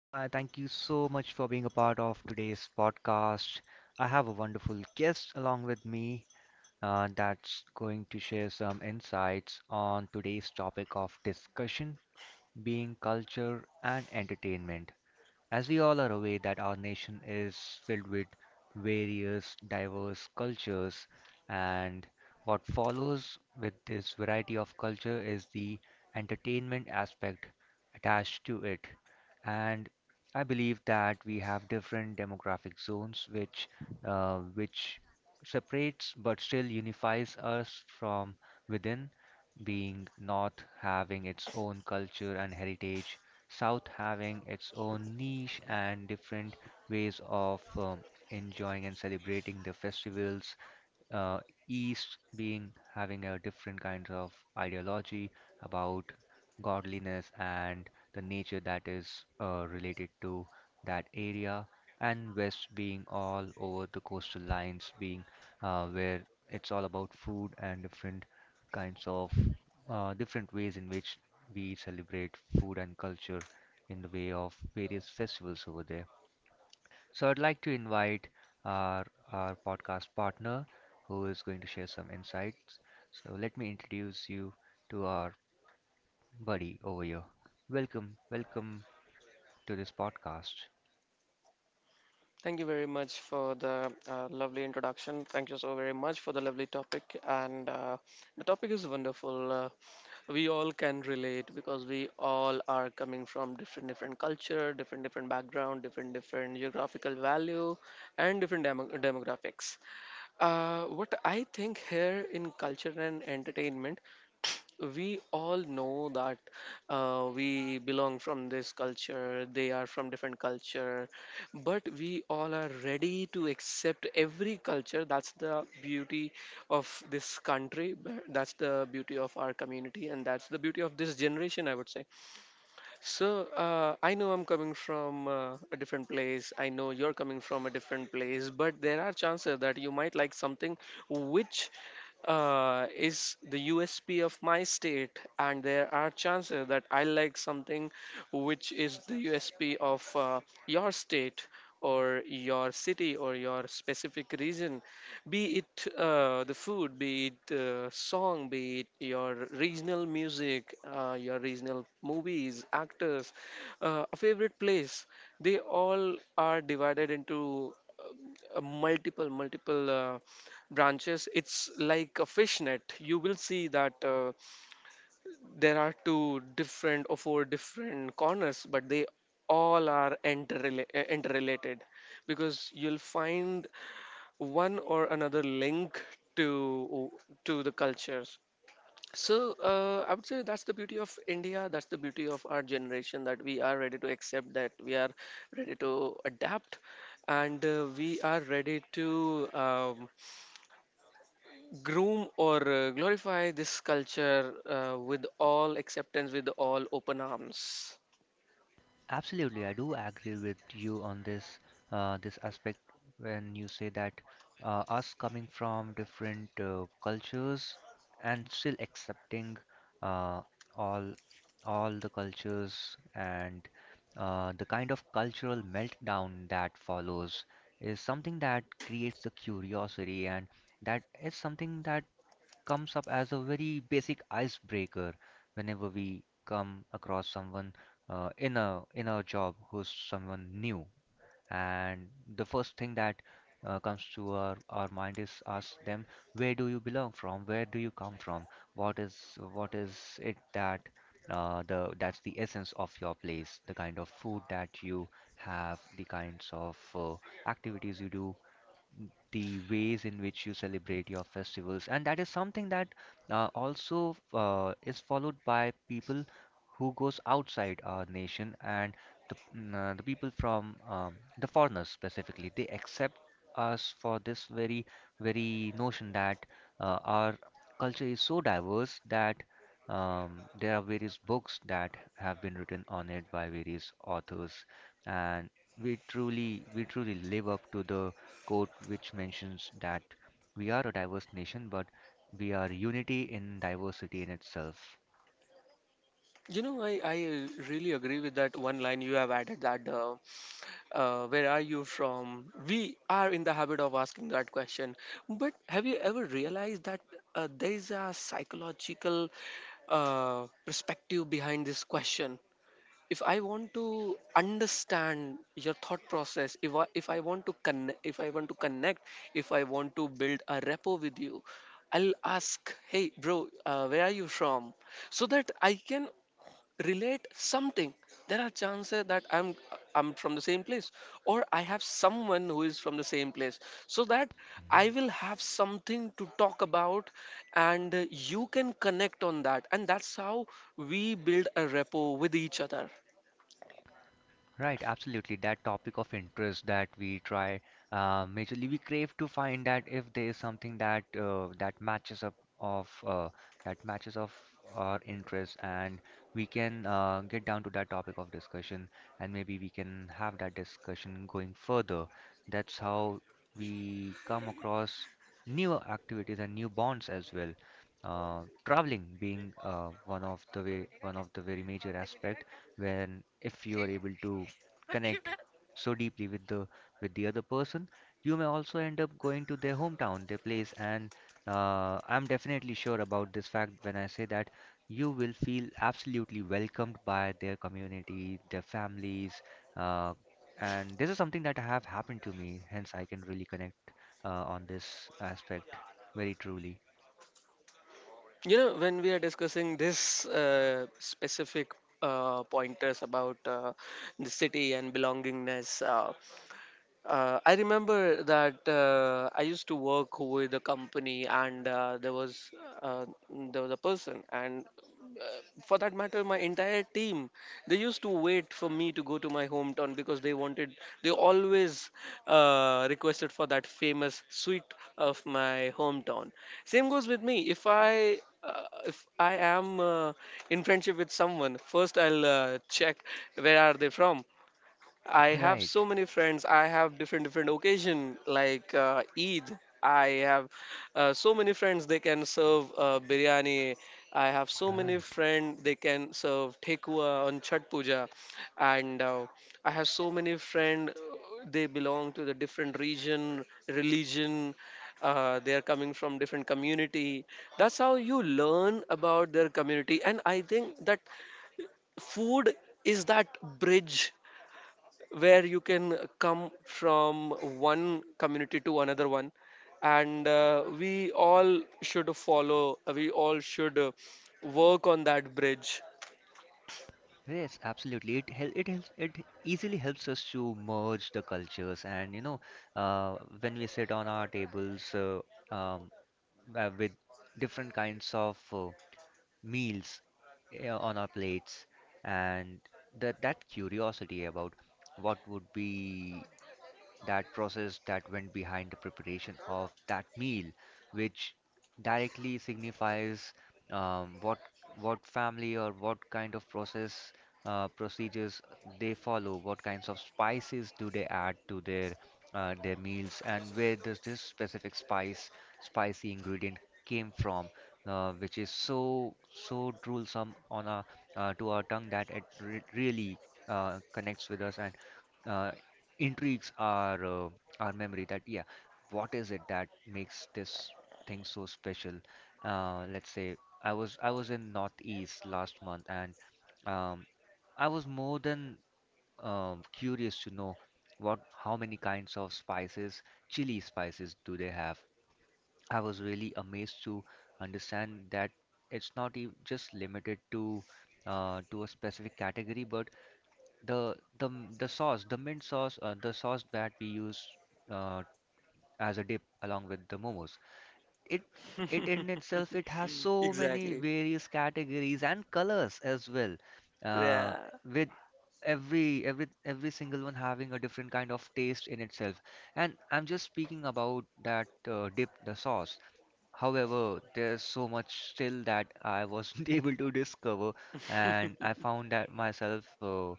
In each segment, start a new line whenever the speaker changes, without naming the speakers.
Hi, thank you so much for being a part of today's podcast. I have a wonderful guest along with me that's going to share some insights on today's topic of discussion being culture and entertainment. As we all are aware that our nation is filled with various diverse cultures and what follows with this variety of culture is the entertainment aspect attached to it. And I believe that we have different demographic zones which separates but still unifies us from within, being North having its own culture and heritage, South having its own niche and different ways of enjoying and celebrating the festivals, uh, East being having a different kinds of ideology about godliness and the nature that is related to that area, and West being all over the coastal lines, being where it's all about food and different kinds of different ways in which we celebrate food and culture in the way of various festivals over there. So I'd like to invite our podcast partner who is going to share some insights. So let me introduce you to our buddy over here. Welcome, welcome to this podcast.
Thank you very much for the lovely introduction. Thank you so very much for the lovely topic. And the topic is wonderful. We all can relate because we all are coming from different culture, different background, different geographical value, and different demographics. What I think here in culture and entertainment we all know that we belong from this culture, they are from different culture, but we all are ready to accept every culture. That's the beauty of this country, that's the beauty of our community, and that's the beauty of this generation, I would say. So I know I'm coming from a different place. I know you're coming from a different place, but there are chances that you might like something which is the USP of my state, and there are chances that I like something which is the USP of your state or your city or your specific region, be it the food, be it song, be it your regional music, your regional movies, actors, a favorite place. They all are divided into multiple branches. It's like a fishnet. You will see that there are two different or four different corners, but they all are interrelated, because you'll find one or another link to the cultures. So I would say that's the beauty of India, that's the beauty of our generation, that we are ready to accept, that we are ready to adapt, and we are ready to groom or glorify this culture with all acceptance, with all open arms.
Absolutely, I do agree with you on this this aspect when you say that us coming from different cultures and still accepting uh, all all the cultures and the kind of cultural meltdown that follows is something that creates the curiosity, and that is something that comes up as a very basic icebreaker whenever we come across someone, in our job, who's someone new. And the first thing that comes to our mind is ask them, where do you belong from, where do you come from, what is what is it that the that's the essence of your place, the kind of food that you have, the kinds of activities you do, the ways in which you celebrate your festivals. And that is something that also is followed by people who goes outside our nation. And the people from the foreigners specifically, they accept us for this very notion that our culture is so diverse that there are various books that have been written on it by various authors. And we truly live up to the quote which mentions that we are a diverse nation, but we are unity in diversity in itself.
You know, I really agree with that one line you have added, that where are you from? We are in the habit of asking that question. But have you ever realized that there is a psychological perspective behind this question? If I want to understand your thought process, if I want to connect, if I want to connect, if I want to build a rapport with you, I'll ask, "Hey, bro, where are you from?" so that I can relate something. There are chances that I'm from the same place, or I have someone who is from the same place, so that I
Mhm.
will have something to talk about, and you can connect on that, and that's how we build a rapport with each other.
Right, absolutely. That topic of interest that we try, majorly, we crave to find that if there is something that that matches up of that matches of our interest, and we can get down to that topic of discussion, and maybe we can have that discussion going further. That's how we come across new activities and new bonds as well. Traveling being one of the way, one of the very major aspect, when if you are able to connect so deeply with the other person, you may also end up going to their hometown, their place. And I'm definitely sure about this fact when I say that you will feel absolutely welcomed by their community, their families, uh, and this is something that have happened to me, hence I can really connect on this aspect very truly.
You know, when we are discussing this specific pointers about the city and belongingness, I remember that I used to work with a company, and uh, there was a person, and for that matter, my entire team. They used to wait for me to go to my hometown because they wanted. They always requested for that famous sweet of my hometown. Same goes with me. If I am in friendship with someone, first I'll check where are they from. I have
Right,
so many friends. I have different occasion, like Eid. I have so many friends. They can serve biryani. I have so many
right.
friends. They can serve tekua on Chhat Puja, and I have so many friends. They belong to the different region, religion. They are coming from different community. That's how you learn about their community, and I think that food is that bridge where you can come from one community to another one, and we all should follow, we all should work on that bridge.
Yes, absolutely. It helps, it easily helps us to merge the cultures. And you know, when we sit on our tables, um, with different kinds of meals on our plates, and that curiosity about what would be that process that went behind the preparation of that meal, which directly signifies um, what what family or what kind of process procedures they follow, what kinds of spices do they add to their meals, and where does this specific spice spicy ingredient came from, which is so drooling on our, to our tongue, that it re really connects with us, and uh, intrigues our, our memory, that yeah, what is it that makes this thing so special. Let's say I was in northeast last month, and um, I was more than curious to know what how many kinds of spices, chili spices do they have. I was really amazed to understand that it's not just limited to a specific category, but the sauce, the mint sauce, the sauce that we use uh, as a dip along with the momos. It it in itself it has so many
Exactly.
various categories and colors as well. Uh,
Yeah.
with every single one having a different kind of taste in itself. And I'm just speaking about that dip, the sauce. However, there's so much still that I wasn't able to discover, and I found that myself. Uh,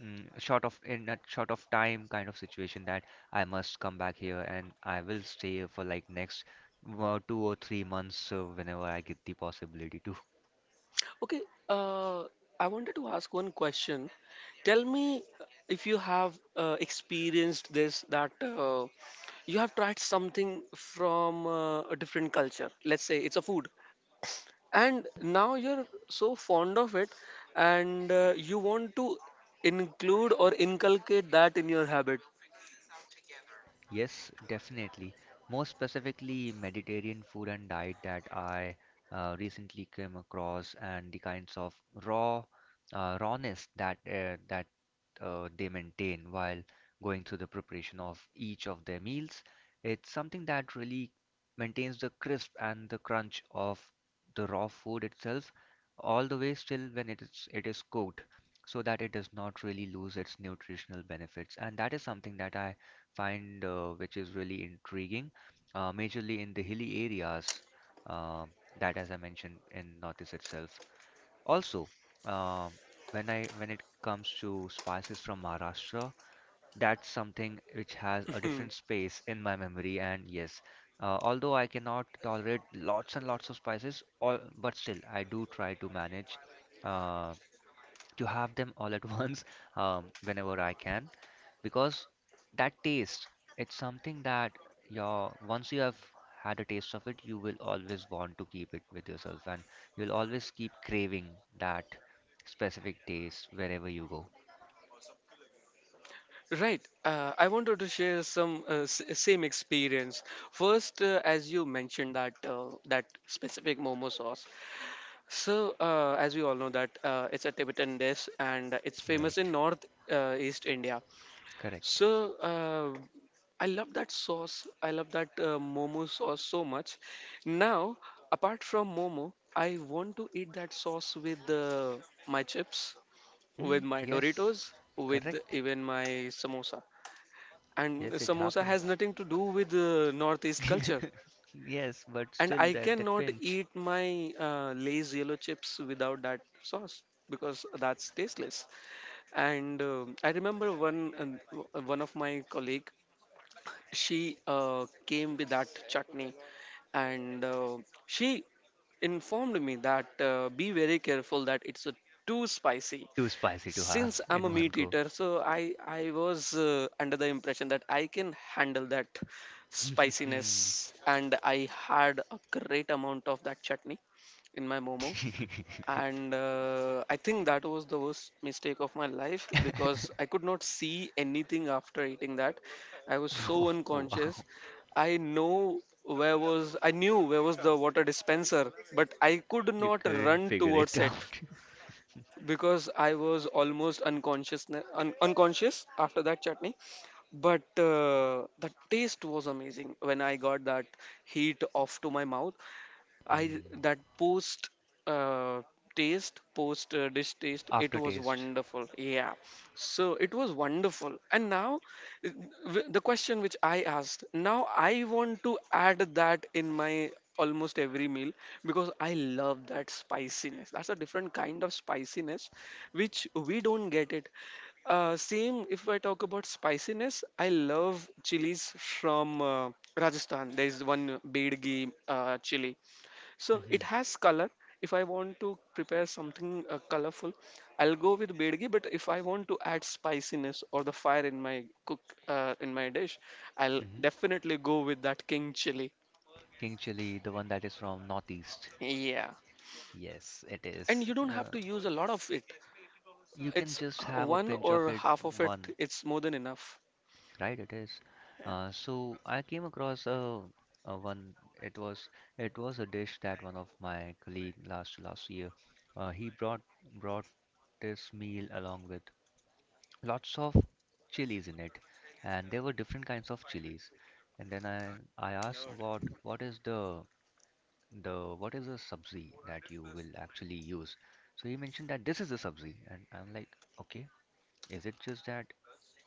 mm, Short of in a short of time kind of situation, that I must come back here, and I will stay here for like next 2 or 3 months whenever I get the possibility to.
Okay. uh, I wanted to ask one question. Tell me if you have experienced this, that you have tried something from a different culture, let's say it's a food, and now you're so fond of it, and you want to include or inculcate that in your habit.
Yes, definitely. More specifically, Mediterranean food and diet that I recently came across, and the kinds of raw rawness that they maintain while going through the preparation of each of their meals. It's something that really maintains the crisp and the crunch of the raw food itself all the way, still when it is cooked, so that it does not really lose its nutritional benefits. And that is something that I find, which is really intriguing, majorly in the hilly areas, uh, that as I mentioned in Northeast itself. Also, um, when I, when it comes to spices from Maharashtra, that's something which has a different space in my memory. And yes, although I cannot tolerate lots and lots of spices, all, but still I do try to manage. Uh, to have them all at once, whenever I can, because that taste, it's something that your once you have had a taste of it, you will always want to keep it with yourself, and you'll always keep craving that specific taste wherever you go.
Right. I wanted to share some same experience. First, as you mentioned that that specific momo sauce, so as we all know that it's a Tibetan dish, and it's
Right.
famous in north east India.
Correct.
So I love that sauce. I love that momo sauce so much. Now, apart from momo, I want to eat that sauce with my chips, with
Mm,
my
yes.
Doritos, with
Correct.
even my samosa. And
Yes, it
samosa has
happens.
nothing to do with Northeast culture.
Yes, but
And
still
I
that that
cannot
pinch.
eat my Lay's yellow chips without that sauce, because that's tasteless. And I remember one of my colleague, she came with that chutney, and she informed me that be very careful, that it's too spicy.
Too spicy to
Since
have
I'm a
in one
meat
go.
eater, so I was under the impression that I can handle that spiciness,
Mm.
and I had a great amount of that chutney in my momo. And I think that was the worst mistake of my life, because I could not see anything after eating that. I was so unconscious.
Wow,
I know where was, I knew where was the water dispenser, but I could
you
not
couldn't
run
figure it
towards it,
out.
because I was almost unconscious, unconscious after that chutney. But the taste was amazing when I got that heat off to my mouth. I,
Mm.
that post uh, taste, post dish taste, it was
Aftertaste.
wonderful. Yeah, so it was wonderful. And now, uh, the question which I asked, now I want to add that in my almost every meal, because I love that spiciness. That's a different kind of spiciness which we don't get it. Same, if I talk about spiciness, I love chilies from. Rajasthan. There is one bead chili. So it
Hmm.
has color. If I want to prepare something colorful, I'll go with bead. But if I want to add spiciness or the fire in my cook, in my dish, I'll
Hmm.
definitely go with that king chili.
King chili, the one that is from Northeast.
Yeah,
Yes, it
and
is.
you don't have to use a lot of it.
You can
It's
just have a
one
pinch of
or
it.
half of it.
One,
It's more than enough.
right? It is. So I came across a one. It was it was a dish that one of my colleague last year. He brought this meal along with lots of chilies in it, and there were different kinds of chilies. And then I asked, what is the what is the sabzi that you will actually use. So he mentioned that this is the sabzi, and I'm like, okay, is it just that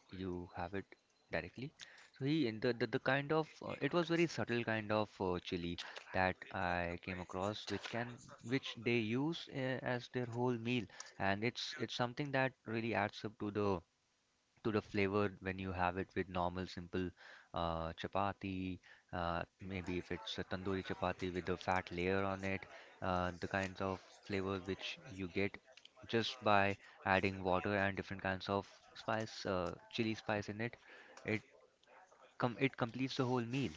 you have it directly. So he, and the kind of, it was very subtle kind of chili that I came across, which they use as their whole meal. And it's something that really adds up to the, to the flavor when you have it with normal simple chapati, maybe if it's a tandoori chapati with a fat layer on it, the kinds of flavor which you get just by adding water and different kinds of spice, chili spice in it, it com it completes the whole meal.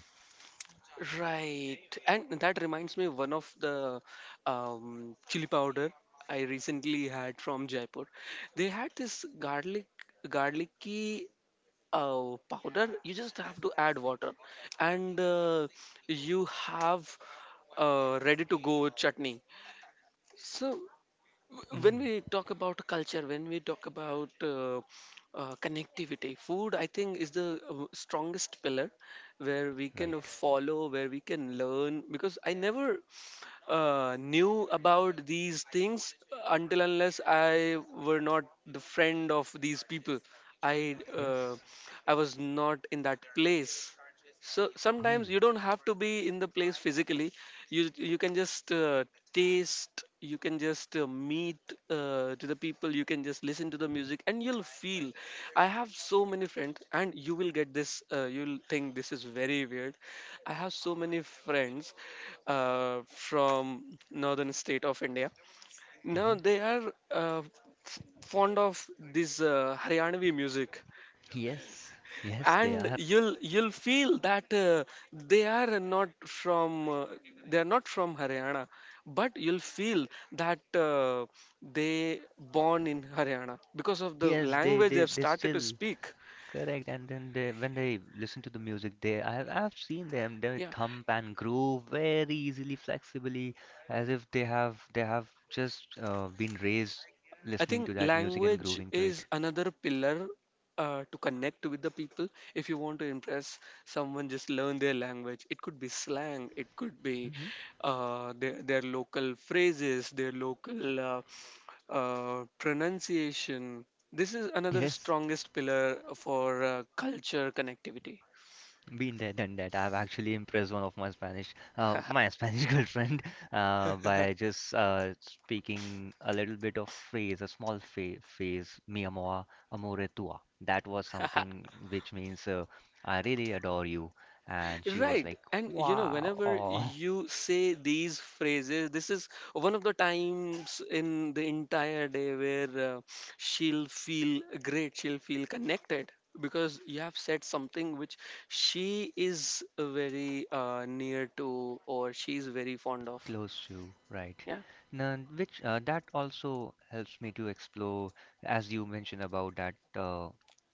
Right, and that reminds me one of the chili powder I recently had from Jaipur. They had this garlicky powder. You just have to add water, and you have ready to go chutney. So when
Mm,
we talk about culture, when we talk about connectivity, food, I think, is the strongest pillar where we can
right.
follow, where we can learn, because I never knew about these things until unless I were not the friend of these people. I uh,
Yes.
I was not in that place. So
Mm,
sometimes you don't have to be in the place physically. you you can just taste, you can just meet to the people, you can just listen to the music, and you'll feel, I have so many friends, and you will get this, you'll think this is very weird. I have so many friends from northern state of India.
hmm.
Now they are uh, fond of this Haryanavi music,
Yes, yes, they
and
are.
you'll feel that they are not from uh, they are not from Haryana, but you'll feel that they born in Haryana because of the
Yes, they
language they
they,
have
they
started to
still.
speak.
Correct, and then they, when they listen to the music, they, I've seen them, they
Yeah,
thump and groove very easily, flexibly, as if they have just been raised
I
listening
think
to that music and
language
grooving to it.
is another pillar to connect with the people. If you want to impress someone, just learn their language. It could be slang, it could be
Hmm.
their local phrases, their local pronunciation. This is another
Yes.
strongest pillar for culture connectivity.
Been there, done that. I've actually impressed one of my Spanish girlfriend, by just speaking a little bit of phrase, a small phrase, mi amor, amore tua. That was something which means, I really adore you. And she was
Right.
like,
And you know,
wow,
whenever
oh,
you say these phrases, this is one of the times in the entire day where she'll feel great, she'll feel connected because you have said something which she is very near to, or she's very fond of.
close to, right.
Yeah,
Now, which that also helps me to explore, as you mentioned about that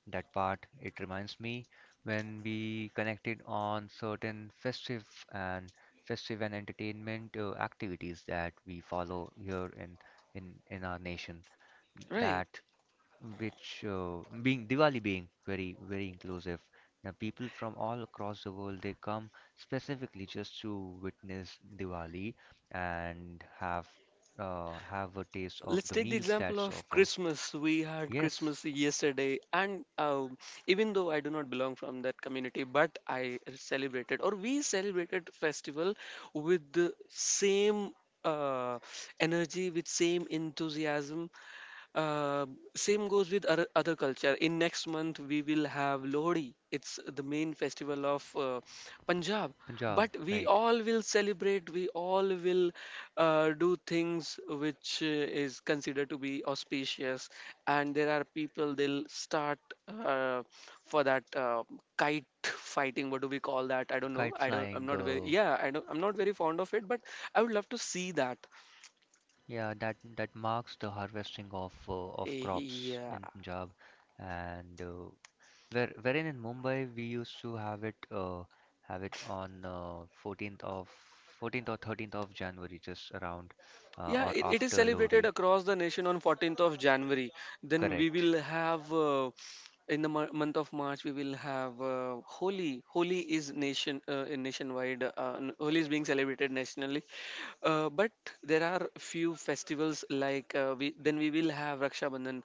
that part. It reminds me when we connected on certain festive and festive and entertainment activities that we follow here in in our nation. That
right.
which being Diwali being very inclusive. Now people from all across the world, they come specifically just to witness Diwali and have a taste of
Let's
the
take the
meals
example
that's
of
offer.
Christmas. We had
Yes,
Christmas yesterday, and even though I do not belong from that community, but I celebrated, or we celebrated festival with the same uh, energy, with same enthusiasm. uh, Same goes with other, other culture. In next month, we will have Lohri. It's the main festival of Punjab.
Punjab,
But we
right.
all will celebrate. We all will do things which is considered to be auspicious. And there are people, they'll start uh, for that kite fighting. What do we call that? I don't know.
Kite
I don't. I'm
flying,
not very. Yeah, I don't. I'm not very fond of it. But I would love to see that.
yeah, that marks the harvesting of
Eh,
crops
yeah,
in Punjab, and wherein in Mumbai we used to have it have it on 14th of 14th or 13th of January, just around
yeah,
or
it is
after Lori.
celebrated across the nation on 14th of January. Then we
Correct.
will have in the month of March we will have Holi. Holi is nation in nationwide. Holi is being celebrated nationally, but there are few festivals like we will have Raksha Bandhan.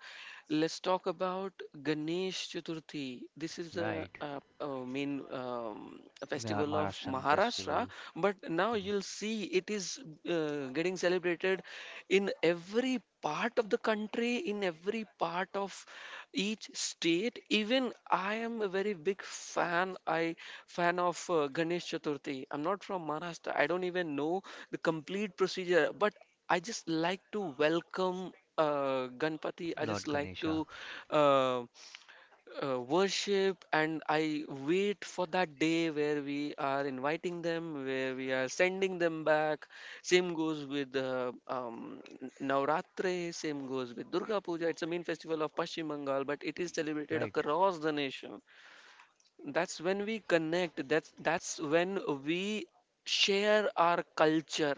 Let's talk about Ganesh Chaturthi. This is a,
Right.
uh uh main
Our
festival of
Maharashtrian
Maharashtra,
festival.
but now
Mhm.
you'll see it is getting celebrated in every part of the country, in every part of each state. Even I am a very big fan of Ganesh Chaturthi. I'm not from Maharashtra. I don't even know the complete procedure, but I just like to welcome Ganpati. I just
Lord
like to
Ganesha.
uh, worship, and I wait for that day where we are inviting them, where we are sending them back. Same goes with Navratri. Same goes with Durga Puja. It's a main festival of Pashchim Bengal, but it is celebrated
Right.
across the nation. That's when we connect. That's when we share our culture,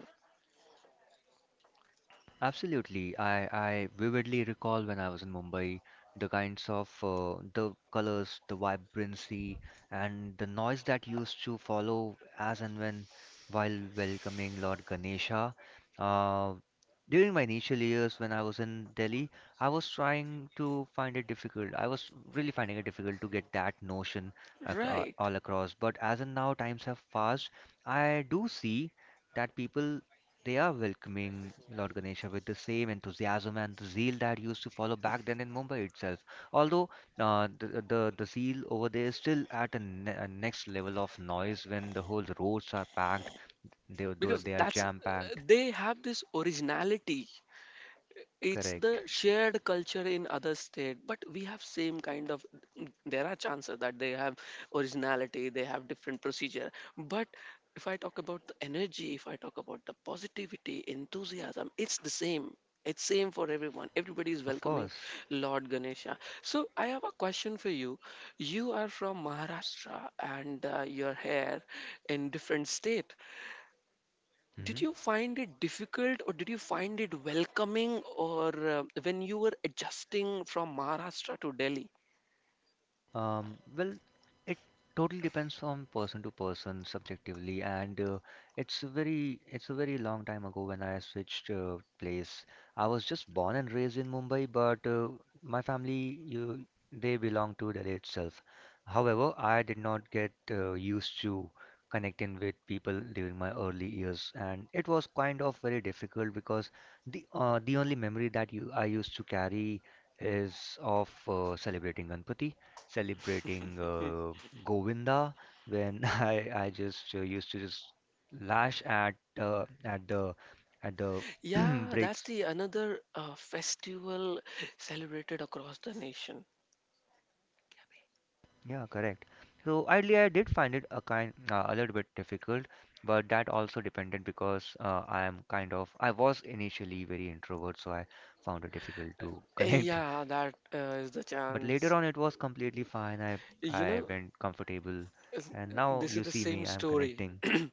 Absolutely. I vividly recall when I was in Mumbai, the kinds of the colors, the vibrancy, and the noise that used to follow as and when while welcoming Lord Ganesha. Uh, During my initial years when I was in Delhi, I was trying to find it difficult. I was really finding it difficult to get that notion
right?
all across. But as in now, times have passed. I do see that people. They are welcoming Lord Ganesha with the same enthusiasm and the zeal that used to follow back then in Mumbai itself. Although the zeal over there is still at a next level of noise when the whole roads are packed, they they
Because
they are
that's,
jam packed.
they have this originality. It's the
Correct.
shared culture in other state, but we have same kind of, there are chances that they have originality, they have different procedure, but if I talk about the energy, if I talk about the positivity, enthusiasm, it's the same. It's same for everyone. Everybody is
Of
welcoming
course.
Lord Ganesha. So I have a question for you. You are from Maharashtra and you're here in different state. Did
Mm-hmm.
you find it difficult or did you find it welcoming, or when you were adjusting from Maharashtra to Delhi?
Well, it totally depends from person to person subjectively, and it's a very long time ago when I switched place. I was just born and raised in Mumbai, but my family, they belong to Delhi itself. However, I did not get used to connecting with people during my early years, and it was kind of very difficult because the only memory that you I used to carry is of celebrating Ganpati celebrating
Hmm.
Govinda when I just used to just lash at uh, at the at the
Yeah, that's
breaks.
the another festival celebrated across the nation.
Yeah, correct. So idly I did find it a kind a little bit difficult, but that also depended because I am kind of I was initially very introvert, so I found it difficult to connect.
Yeah, that is the
But later
chance.
on, it was completely fine. I
You
I
know,
went comfortable,
is-
and now
this is
you
the
see
same
me. I'm
story.
connecting.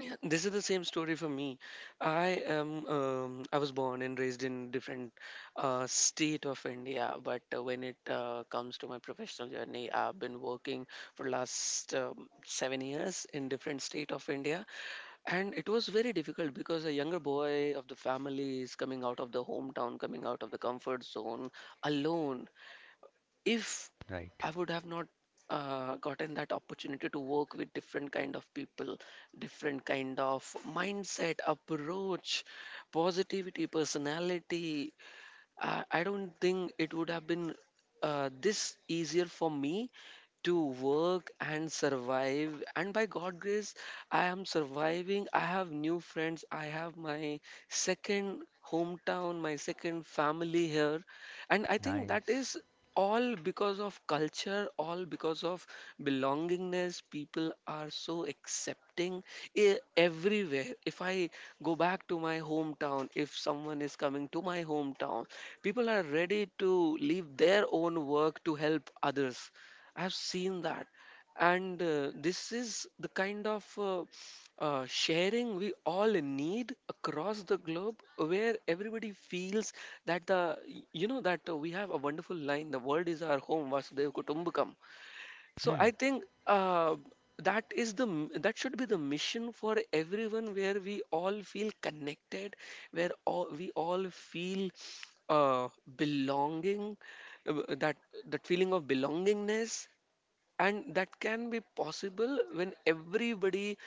Yeah, this is the same story for me. I am I was born and raised in different state of India, but when it comes to my professional journey, I've been working for last 7 years in different state of India, and it was very difficult because a younger boy of the family is coming out of the hometown, coming out of the comfort zone alone. If I
Right.
would have not gotten that opportunity to work with different kind of people, different kind of mindset, approach, positivity, personality, I don't think it would have been this easier for me to work and survive. And by God grace, I am surviving. I have new friends. I have my second hometown, my second family here. And I think that
Nice.
is all because of culture, all because of belongingness. People are so accepting everywhere. If I go back to my hometown, if someone is coming to my hometown, people are ready to leave their own work to help others. I've seen that. And this is the kind of sharing we all need across the globe, where everybody feels that the, you know that we have a wonderful line: the world is our home, vasudev kutumbakam. So I
Hmm.
think that is that should be the mission for everyone, where we all feel connected, where we all feel uh, belonging, uh, that that feeling of belongingness, and that can be possible when everybody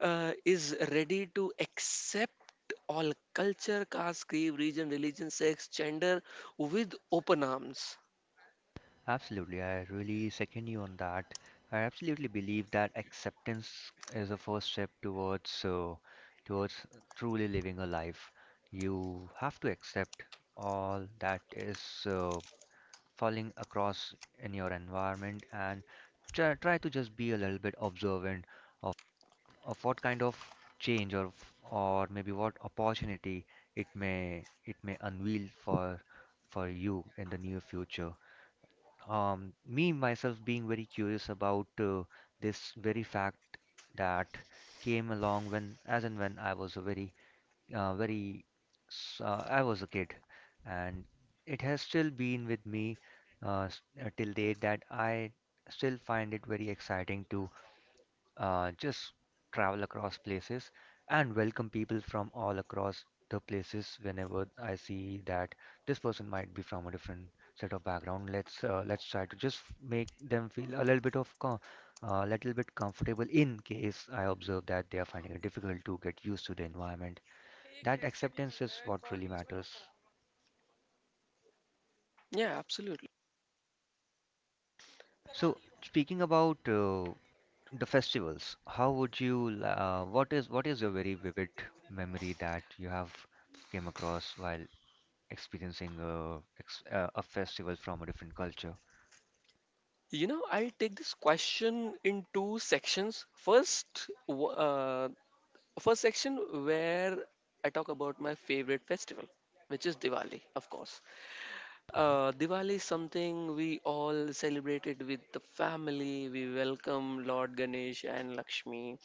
is ready to accept all culture, caste, creed, region, religion, sex, gender with open arms.
Absolutely, I really second you on that. I absolutely believe that acceptance is a first step towards towards truly living a life. You have to accept all that is uh, falling across in your environment and try to just be a little bit observant of, of what kind of change or or maybe what opportunity it may unveil for you in the near future. Me myself being very curious about this very fact that came along when as and when uh, very I was a kid, and it has still been with me till date that I still find it very exciting to just travel across places and welcome people from all across the places whenever I see that this person might be from a different set of background. Let's try to just make them feel a little bit of co- little bit comfortable in case I observe that they are finding it difficult to get used to the environment. That acceptance is what really matters.
Yeah, absolutely.
So speaking about the festivals. How would you? Li- What is what is your very vivid memory that you have came across while experiencing a festival from a different culture?
You know, I'll take this question in two sections. First, first section where I talk about my favorite festival, which is Diwali, of course.
Mhm.
Diwali is something we all celebrated with the family. We welcome Lord Ganesh and Lakshmi.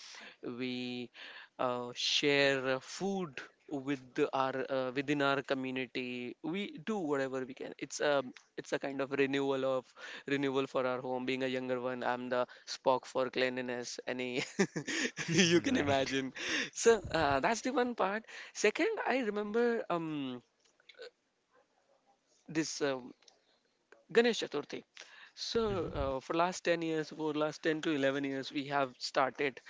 We share food with the- our within our community. We do whatever we can. It's a, it's a kind of renewal of, renewal for our home. Being a younger one, I'm the Spock for cleanliness. Any you can
Right.
imagine. So that's the one part. Second, I remember this. Ganesh Chaturthi. So,
Mm-hmm.
for last 10 years, for last 10 to 11 years, we have started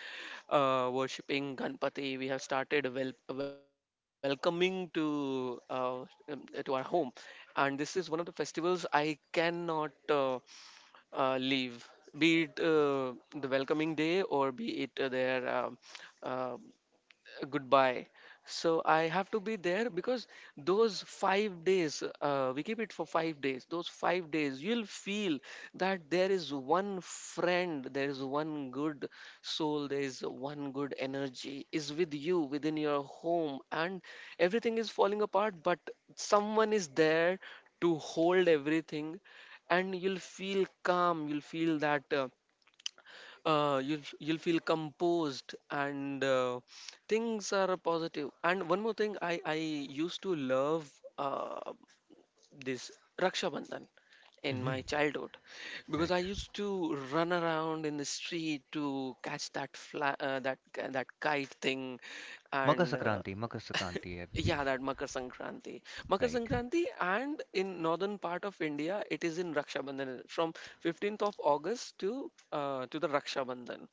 worshipping Ganpati. We have started welcoming to our home, and this is one of the festivals I cannot leave. Be it the welcoming day or be it their uh, goodbye. So I have to be there because those 5 days, we keep it for 5 days. Those 5 days, you'll feel that there is one friend, there is one good soul, there is one good energy is with you within your home, and everything is falling apart, but someone is there to hold everything, and you'll feel calm. You'll feel that. You'll you'll feel composed and things are positive. And one more thing, I used to love uh, this Raksha Bandhan in
Mm-hmm.
my childhood because
Right.
I used to run around in the street to catch that that that kite thing, and
Makar sakranti, I
Yeah,
believe.
that Makar Sankranti. Makar
Right.
Sankranti, and in northern part of India, it is in Raksha Bandhan from 15th of August to the Raksha Bandhan.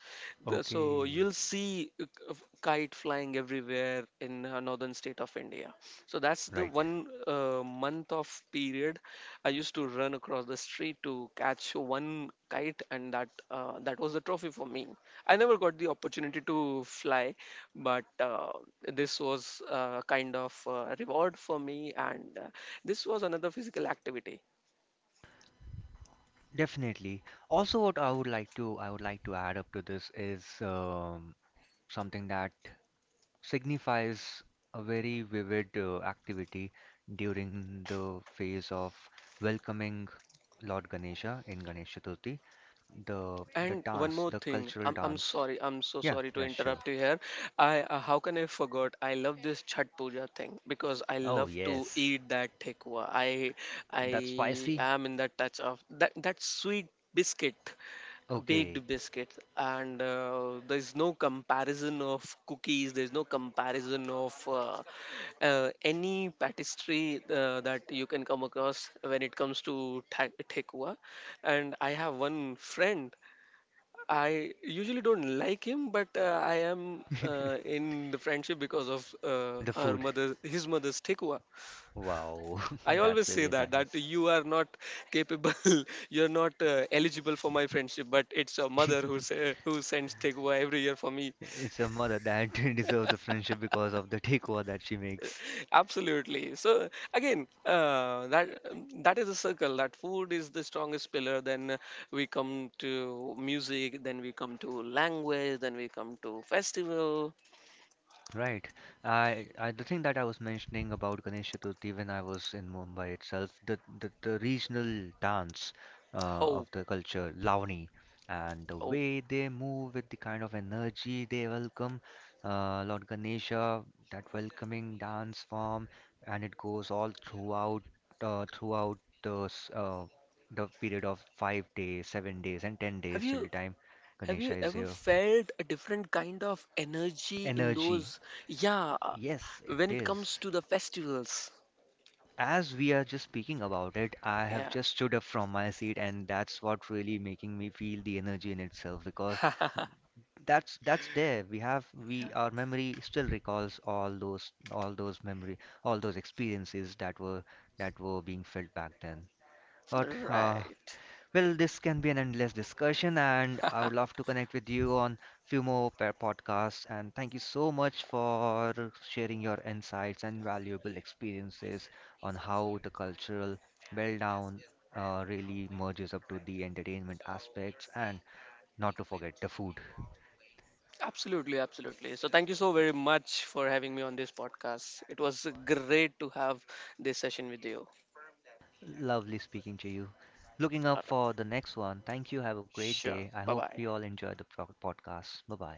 So
Okay.
you'll see kite flying everywhere in northern state of India. So that's the
Right.
one month of period I used to run across the street to catch one kite, and that that was a trophy for me. I never got the opportunity to fly, but this was a kind of reward for me, and this was another physical activity.
Definitely. Also, what I would like to add up to this is something that signifies a very vivid activity during the phase of welcoming Lord Ganesha in Ganesh Chaturthi. The
And one
dance,
more
the
thing,
cultural
I'm
dance.
sorry, I'm so
Yeah,
sorry to
yeah, sure.
interrupt you here. I How can I forgot? I love this chat puja thing because I
Oh
love to
yes,
eat that thekwa.
that's
I
spicy.
am in that touch of that, that sweet biscuit,
Okay,
baked biscuit, and there's no comparison of cookies, there's no comparison of any pastry that you can come across when it comes to Thekua. And I have one friend, I usually don't like him, but I am in the friendship because of
the
her
food.
mother his mother's Thekua.
Wow,
I always
that's
say
really
that, that
nice.
you are not capable, you're not eligible for my friendship. But it's your mother who say, who sends takeaway every year for me.
It's a mother that deserves the friendship because of the takeover that she makes.
Absolutely. So again, that, that is a circle. That food is the strongest pillar. Then we come to music. Then we come to language. Then we come to festival.
Right. I the thing that I was mentioning about Ganesh Chaturthi when I was in Mumbai itself, the regional dance of
Oh,
the culture, Lavani, and the
oh.
way they move with the kind of energy they welcome Lord Ganesha, that welcoming dance form, and it goes all throughout throughout the period of 5 days, 7 days, and ten
Have
days till the
you
time
have
Ganesha
you
is
ever
here.
felt a different kind of energy in
Energy,
those? Yeah,
yes, it
when it comes
is.
to the festivals.
As we are just speaking about it, I have
Yeah.
just stood up from my seat, and that's what really making me feel the energy in itself because that's there. We, our memory still recalls all those memory, all those experiences that were being felt back then. But
Yeah. Right.
well, this can be an endless discussion, and I would love to connect with you on few more pair podcasts. And thank you so much for sharing your insights and valuable experiences on how the cultural well down really merges up to the entertainment aspects, and not to forget the food.
Absolutely, absolutely. So thank you so very much for having me on this podcast. It was great to have this session with you.
Lovely speaking to you. Looking
All
up
right.
for the next one. Thank you. Have a great
Sure.
day. I
Bye
hope
bye.
you all enjoyed the podcast. Bye bye.